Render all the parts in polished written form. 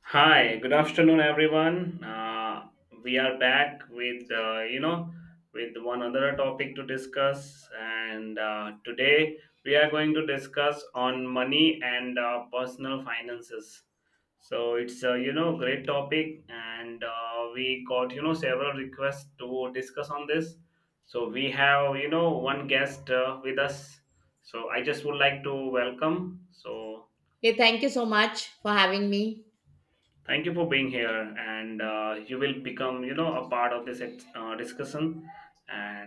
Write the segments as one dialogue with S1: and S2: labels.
S1: Hi, good afternoon, everyone. We are back with you know with one other topic to discuss, and today we are going to discuss on money and personal finances. So it's great topic, and we got several requests to discuss on this. So we have one guest with us. So I just would like to welcome. So,
S2: Hey, thank you so much for having me.
S1: thank you for being here, and you will become, a part of this discussion,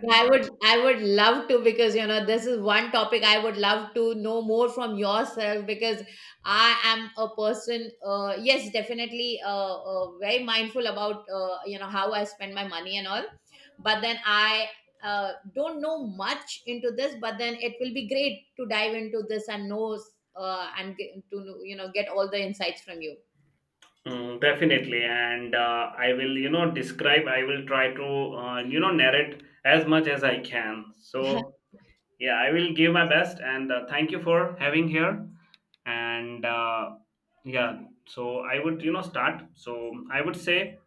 S2: Yeah,
S1: uh,
S2: I would love to because you know this is one topic I would love to know more from yourself because I am a person, yes definitely, very mindful about, you know, how I spend my money and all, but then I, don't know much into this, but then it will be great to dive into this and know, and get, you know, get all the insights from you.
S1: mm, definitely. And I will, you know, describe. I will try to, you know, narrate as much as I can. So yeah, I will give my best, and thank you for having here. And yeah, so I would, you know, start. So I would say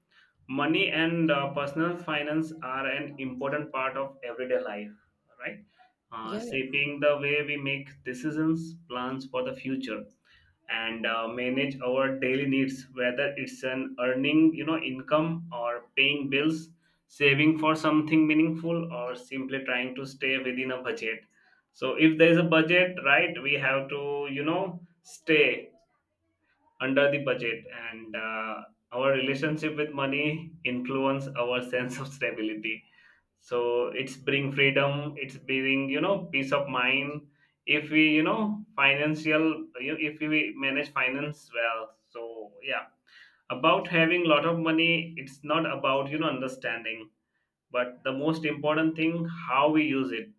S1: money and personal finance are an important part of everyday life, right,
S2: Yeah.
S1: shaping the way we make decisions, plans for the future, and manage our daily needs, whether it's an earning income or paying bills, saving for something meaningful, or simply trying to stay within a budget. So if there is a budget, right, we have to stay under the budget. And our relationship with money influence our sense of stability. So it's bring freedom, it's bring peace of mind, if we you know financial you know, if we manage finance well. So yeah, about having lot of money, it's not about understanding, but the most important thing how we use it.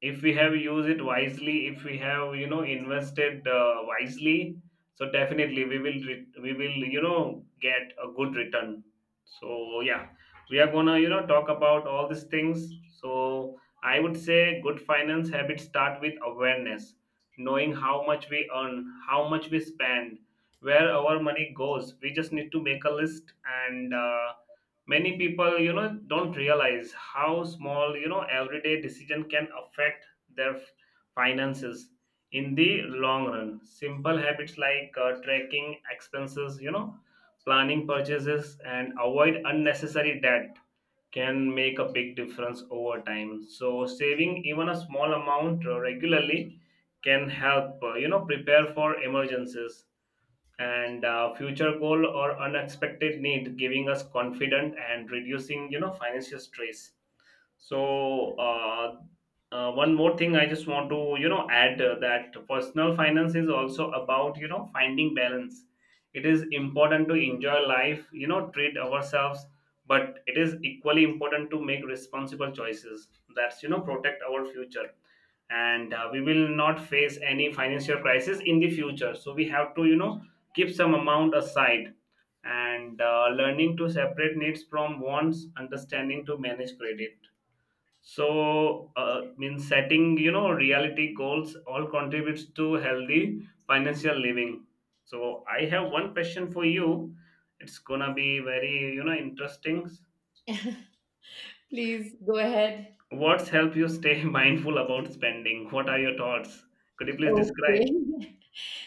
S1: If we have used it wisely, if we have invested wisely, so definitely we will get a good return. So yeah, we are gonna talk about all these things. So I would say good finance habits start with awareness, knowing how much we earn, how much we spend, where our money goes. We just need to make a list, and many people don't realize how small everyday decision can affect their finances in the long run. Simple habits like tracking expenses, planning purchases, and avoid unnecessary debt can make a big difference over time. So saving even a small amount regularly can help prepare for emergencies and future goal or unexpected need, giving us confident and reducing financial stress. so uh, One more thing I just want to add, that personal finance is also about finding balance. It is important to enjoy life, treat ourselves, but it is equally important to make responsible choices that's protect our future, and we will not face any financial crisis in the future, so we have to keep some amount aside. And learning to separate needs from wants, understanding to manage credit, so means setting reality goals, all contributes to healthy financial living. So I have one question for you. It's gonna be very interesting.
S2: Please go ahead.
S1: What's help you stay mindful about spending? What are your thoughts? Could you please describe?
S2: Okay.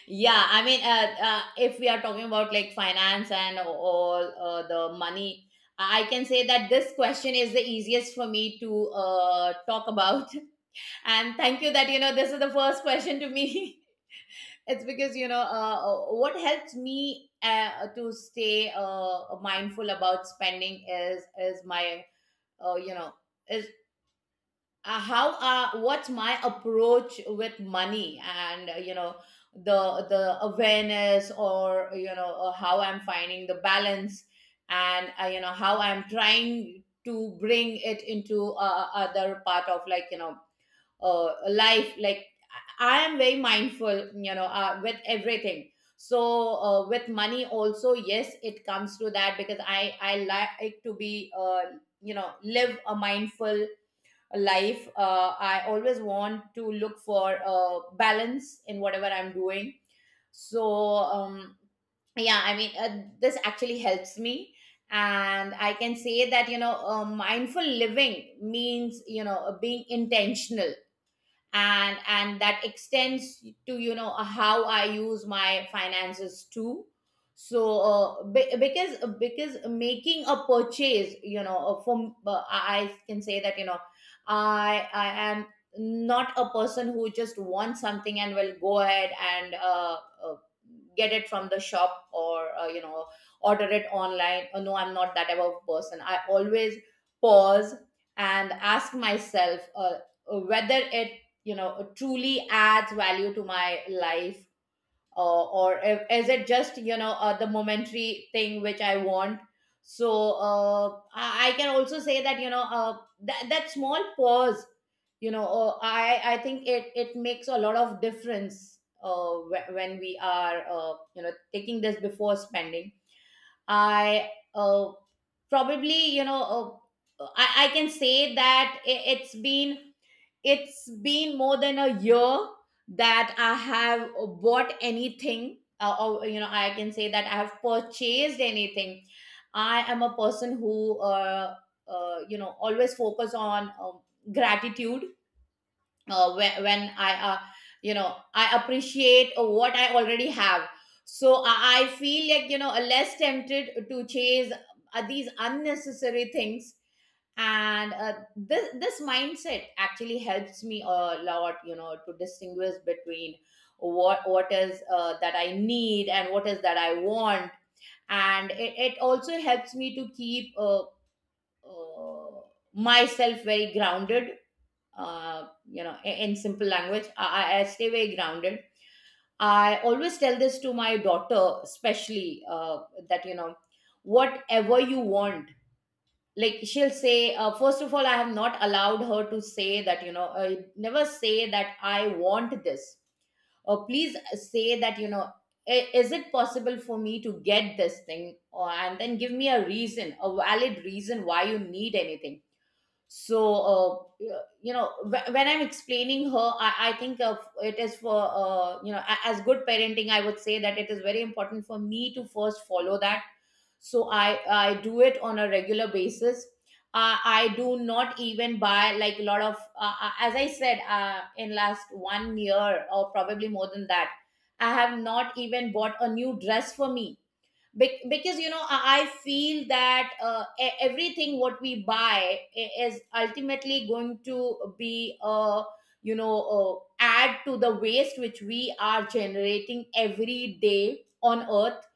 S2: Yeah, I mean, if we are talking about like finance and all, the money, I can say that this question is the easiest for me to talk about. And thank you that, you know, this is the first question to me. It's because, you know, what helps me to stay mindful about spending is my, you know, is, how, what's my approach with money, and, you know, the awareness, or, you know, how I'm finding the balance, and, you know, how I'm trying to bring it into, other part of, like, you know, life, like, I am very mindful, you know, with everything. So, with money also, yes, it comes to that, because I like to be, you know, live a mindful life. I always want to look for, balance in whatever I'm doing. So, yeah, I mean, this actually helps me, and I can say that, you know, mindful living means, you know, being intentional, and that extends to, you know, how I use my finances too. So, because making a purchase, you know, from I can say that, you know, I am not a person who just wants something and will go ahead and, uh, get it from the shop, or, you know, order it online. No, I'm not that type of person. I always pause and ask myself, whether it, you know, truly adds value to my life, or is it just, you know, the momentary thing which I want. So, I can also say that, you know, that, that small pause, you know, I think it makes a lot of difference, when we are, you know, taking this before spending. I uh, Probably, you know, I can say that it, it's been, it's been more than a year that I have bought anything, or, you know, I can say that I have purchased anything. I am a person who, you know, always focus on, gratitude, when I, you know, I appreciate what I already have. So I feel like, you know, less tempted to chase, these unnecessary things, and, this mindset actually helps me a lot, you know, to distinguish between what is, that I need, and what is that I want. And it also helps me to keep, uh, myself very grounded, you know, in simple language, I stay very grounded. I always tell this to my daughter, especially, that, you know, whatever you want, like she'll say, first of all, I have not allowed her to say that, you know, never say that I want this, or please say that, you know, Is it possible for me to get this thing?" Or and then give me a reason, a valid reason, why you need anything. So, you know, when I'm explaining her, I think of it is for, you know, as good parenting. I would say that it is very important for me to first follow that. So I do it on a regular basis. I do not even buy like a lot of, as I said, in last 1 year or probably more than that, I have not even bought a new dress for me. Because you know, I feel that, everything what we buy, is ultimately going to be, you know uh, add to the waste which we are generating every day on earth.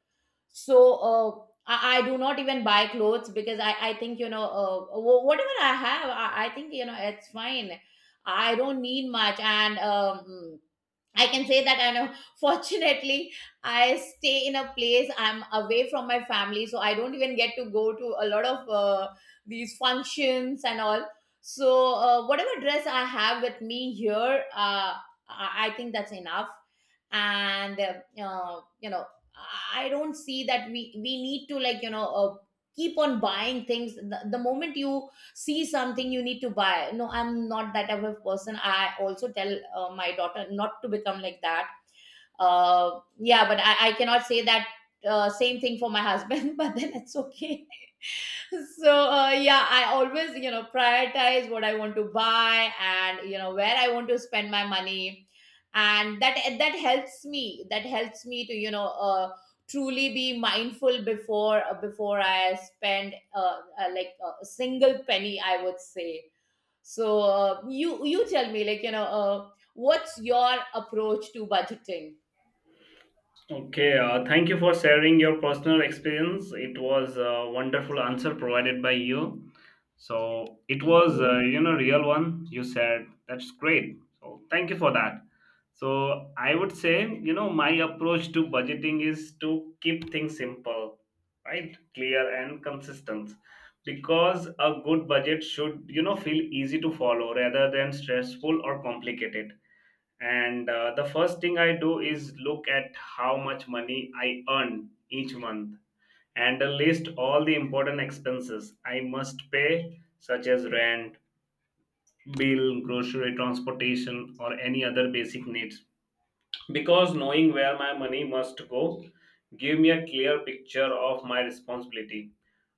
S2: So, uh, I do not even buy clothes because, I think, you know, whatever I have, I think, you know, it's fine. I don't need much. And, I can say that I know. Fortunately, I stay in a place. I'm away from my family, so I don't even get to go to a lot of, these functions and all. So, whatever dress I have with me here, I think that's enough, and, you know, I don't see that we need to, like, you know, keep on buying things. The moment you see something, you need to buy. No, I'm not that type of person. I also tell, my daughter not to become like that. Yeah, but I cannot say that, same thing for my husband, but then it's okay. So, yeah, I always, you know, prioritize what I want to buy and, you know, where I want to spend my money. And that helps me, that helps me to, you know, truly be mindful before, before I spend, a single penny, I would say. So, you you tell me, like, you know, what's your approach to budgeting?
S1: Okay, thank you for sharing your personal experience. It was a wonderful answer provided by you. So it
S2: Thank
S1: was,
S2: you.
S1: you know, real one. You said that's great. So thank you for that. So I would say, you know, my approach to budgeting is to keep things simple, right, clear and consistent, because a good budget should, you know, feel easy to follow rather than stressful or complicated. And the first thing I do is look at how much money I earn each month, and list all the important expenses I must pay, such as rent, bill, grocery, transportation, or any other basic needs, because knowing where my money must go give me a clear picture of my responsibility.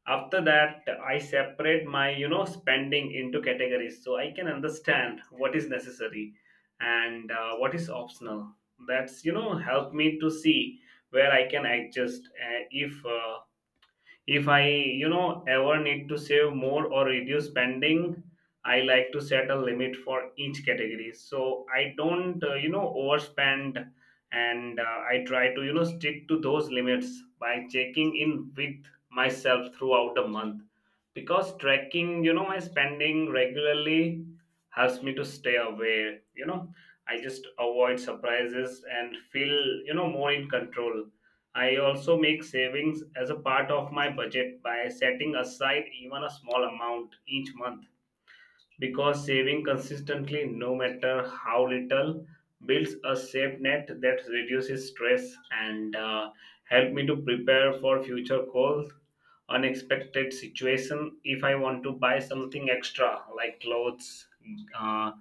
S1: After that, I separate my spending into categories, so I can understand what is necessary and what is optional. That's help me to see where I can adjust, if I ever need to save more or reduce spending. I like to set a limit for each category so I don't overspend, and I try to stick to those limits by checking in with myself throughout the month, because tracking my spending regularly helps me to stay aware. You know, I just avoid surprises and feel more in control. I also make savings as a part of my budget by setting aside even a small amount each month, because saving consistently, no matter how little, builds a safe net that reduces stress and help me to prepare for future goals, unexpected situation. If I want to buy something extra like clothes, uh,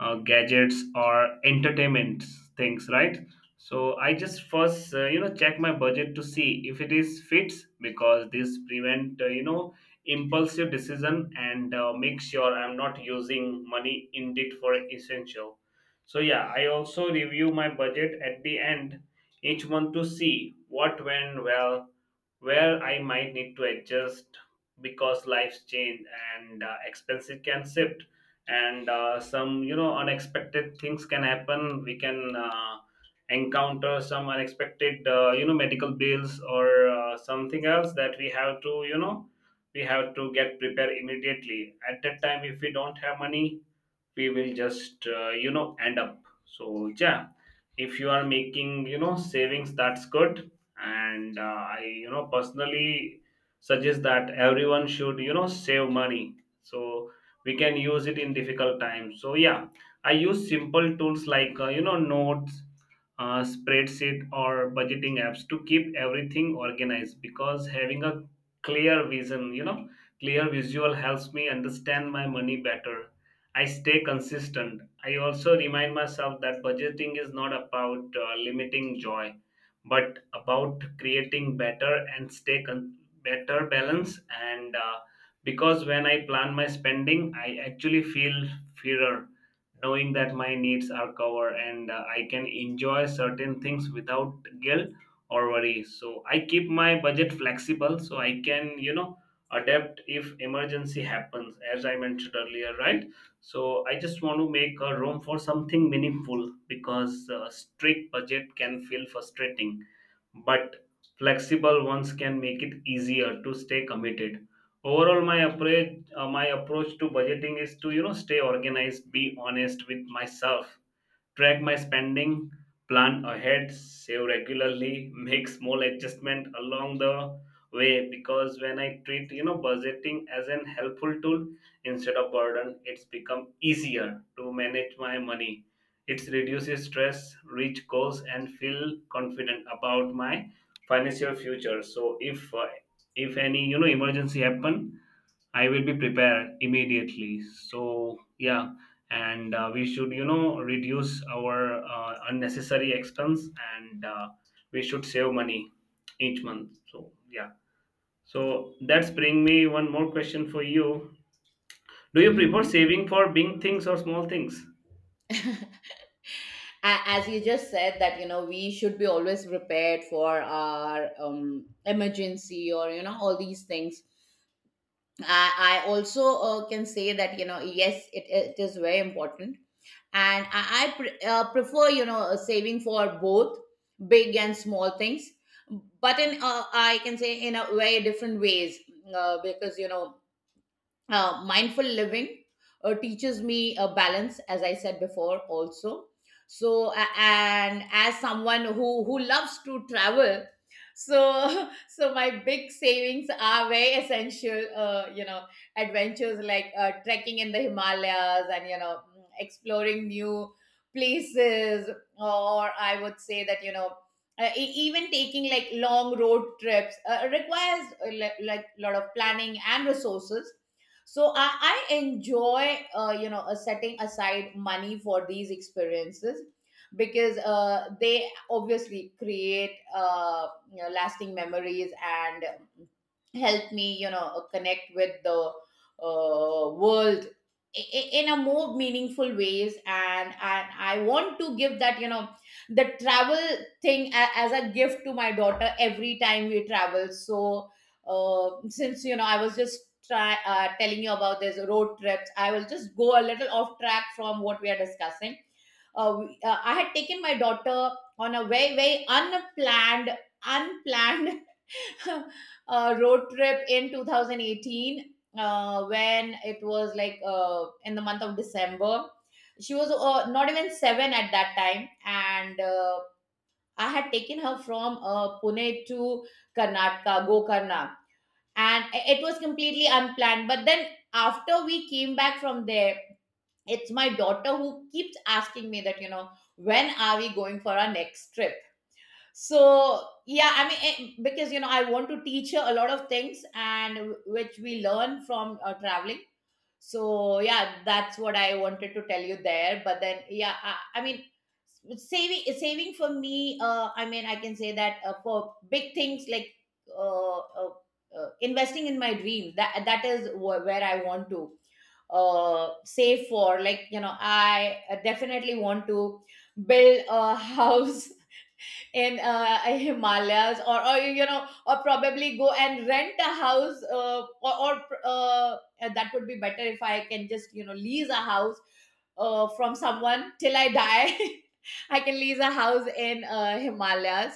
S1: gadgets or entertainment things, right, so I just first check my budget to see if it is fits, because this prevent impulsive decision and make sure I'm not using money indeed for essential. So yeah, I also review my budget at the end each month to see what went well, where I might need to adjust, because life's change and expenses can shift, and some unexpected things can happen. We can encounter some unexpected medical bills or something else that we have to get prepared immediately at that time. If we don't have money, we will just end up. So yeah, if you are making savings, that's good. And I personally suggest that everyone should save money, so we can use it in difficult times. So yeah, I use simple tools like notes, spreadsheet, or budgeting apps to keep everything organized, because having a clear vision you know clear visual helps me understand my money better. I stay consistent. I also remind myself that budgeting is not about limiting joy, but about creating better and better balance. And because when I plan my spending, I actually feel freer, knowing that my needs are covered and I can enjoy certain things without guilt or worry. So I keep my budget flexible so I can, you know, adapt if emergency happens, as I mentioned earlier, right? So I just want to make a room for something meaningful, because strict budget can feel frustrating, but flexible ones can make it easier to stay committed. Overall, my approach to budgeting is to stay organized, be honest with myself, track my spending, plan ahead, save regularly, make small adjustment along the way, because when I treat budgeting as an helpful tool instead of burden, it's become easier to manage my money. It reduces stress, reach goals, and feel confident about my financial future. So if any emergency happen, I will be prepared immediately. So yeah, and we should reduce our unnecessary expense, and we should save money each month. So yeah. So that's bring me one more question for you. Do you prefer
S2: Mhm.
S1: saving for big things or small things?
S2: As you just said that, you know, we should be always prepared for our, emergency, or, you know, all these things, I also, can say that, you know, yes, it is very important. And I prefer, you know, saving for both big and small things, but in, I can say, in a very different ways, because you know, mindful living, teaches me a balance, as I said before also. So, and as someone who loves to travel, so so my big savings are very essential, you know, adventures like, trekking in the Himalayas, and, you know, exploring new places. Or I would say that, you know, even taking, like, long road trips, requires, like, a lot of planning and resources. So I enjoy, you know, setting aside money for these experiences, because, they obviously create, you know, lasting memories, and help me, you know, connect with the, world, in a more meaningful ways. And I want to give that, you know, the travel thing, as a gift to my daughter every time we travel. So, since you know, I was just telling you about this road trips, I will just go a little off track from what we are discussing. I had taken my daughter on a very unplanned, unplanned road trip in 2018, when it was like, in the month of December. She was, not even seven at that time. And, I had taken her from, Pune to Karnataka, Gokarna. And it was completely unplanned, but then after we came back from there, it's my daughter who keeps asking me that, you know, when are we going for our next trip? So, yeah, I mean, because you know, I want to teach her a lot of things, and which we learn from, traveling. So yeah, that's what I wanted to tell you there. But then, yeah, I mean, saving for me, I mean, I can say that, for big things like, uh, uh, investing in my dreams, that is where I want to, save for. Like, you know, I definitely want to build a house in, Himalayas, or, you know, or probably go and rent a house, or that would be better if I can just, you know, lease a house, from someone till I die. I can lease a house in, Himalayas,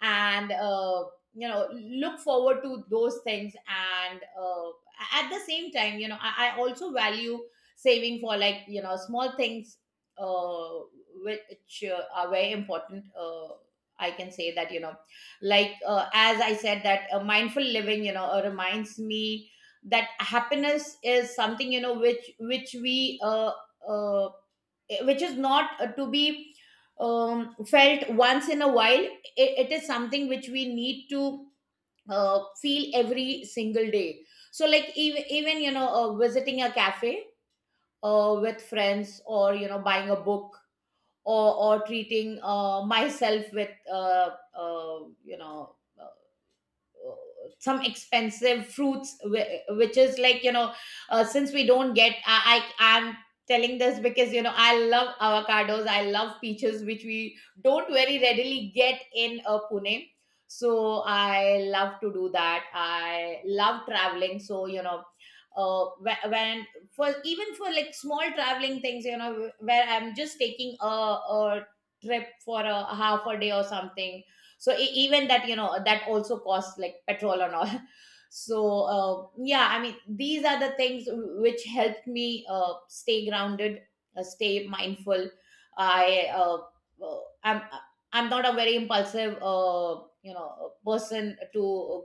S2: and, you know, look forward to those things. And, at the same time, you know, I also value saving for, like, you know, small things, uh, which, are very important. I can say that, you know, like, as I said, that, mindful living, you know, reminds me that happiness is something, you know, which, uh, which is not, to be, felt once in a while. It is something which we need to, feel every single day. So, like, even you know, visiting a cafe, with friends, or, you know, buying a book, or treating, myself with, you know, some expensive fruits, which is, like, you know, since we don't get, I, I'm telling this because, you know, I love avocados, I love peaches, which we don't very readily get in, Pune. So I love to do that. I love traveling, so you know, when, for even for like small traveling things, you know, where I'm just taking a trip for a half a day or something. So, even that, you know, that also costs like petrol and all. So, yeah, I mean, these are the things which helped me, stay grounded, stay mindful. i uh, uh, i'm I'm not a very impulsive, you know, person to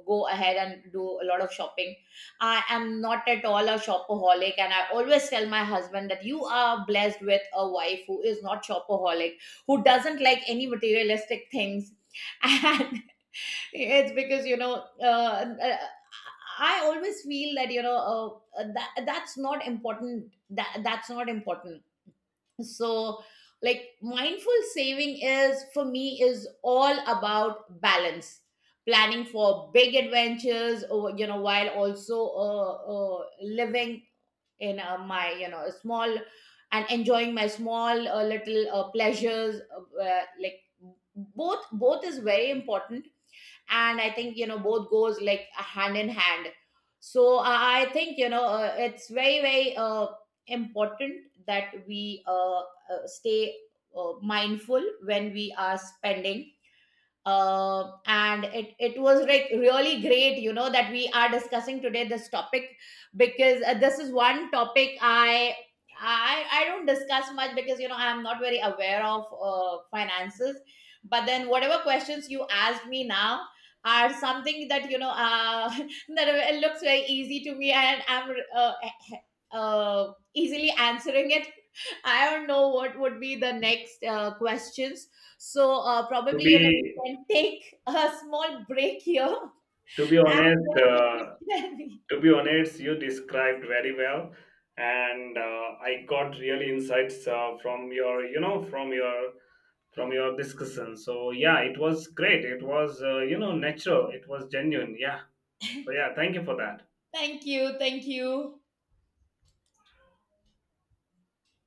S2: go ahead and do a lot of shopping. I am not at all a shopaholic, and I always tell my husband that you are blessed with a wife who is not shopaholic, who doesn't like any materialistic things, and it's because, you know, uh, I always feel that, you know, that, that's not important. That's not important. So, like, mindful saving is for me, is all about balance. Planning for big adventures, or, you know, while also, living in, my, you know, small and enjoying my small, little, pleasures, like, both is very important. And I think, you know, both goes, like, hand in hand. So I think, you know, it's very important that we, stay, mindful when we are spending. And it was, like, really great, you know, that we are discussing today this topic, because, this is one topic I don't discuss much, because, you know, I'm not very aware of, finances. But then, whatever questions you asked me now are something that, you know, that it looks very easy to me, and I'm, easily answering it. I don't know what would be the next, questions. So,
S1: To
S2: probably, you
S1: be
S2: know, we can take a small break here,
S1: to be
S2: and
S1: honest,
S2: then you can
S1: uh,
S2: tell me.
S1: to be honest, you described very well, and I got really insights from your you know from your discussion. So yeah, it was great. It was natural. It was genuine. Yeah. So yeah, thank you for that.
S2: Thank you, thank you.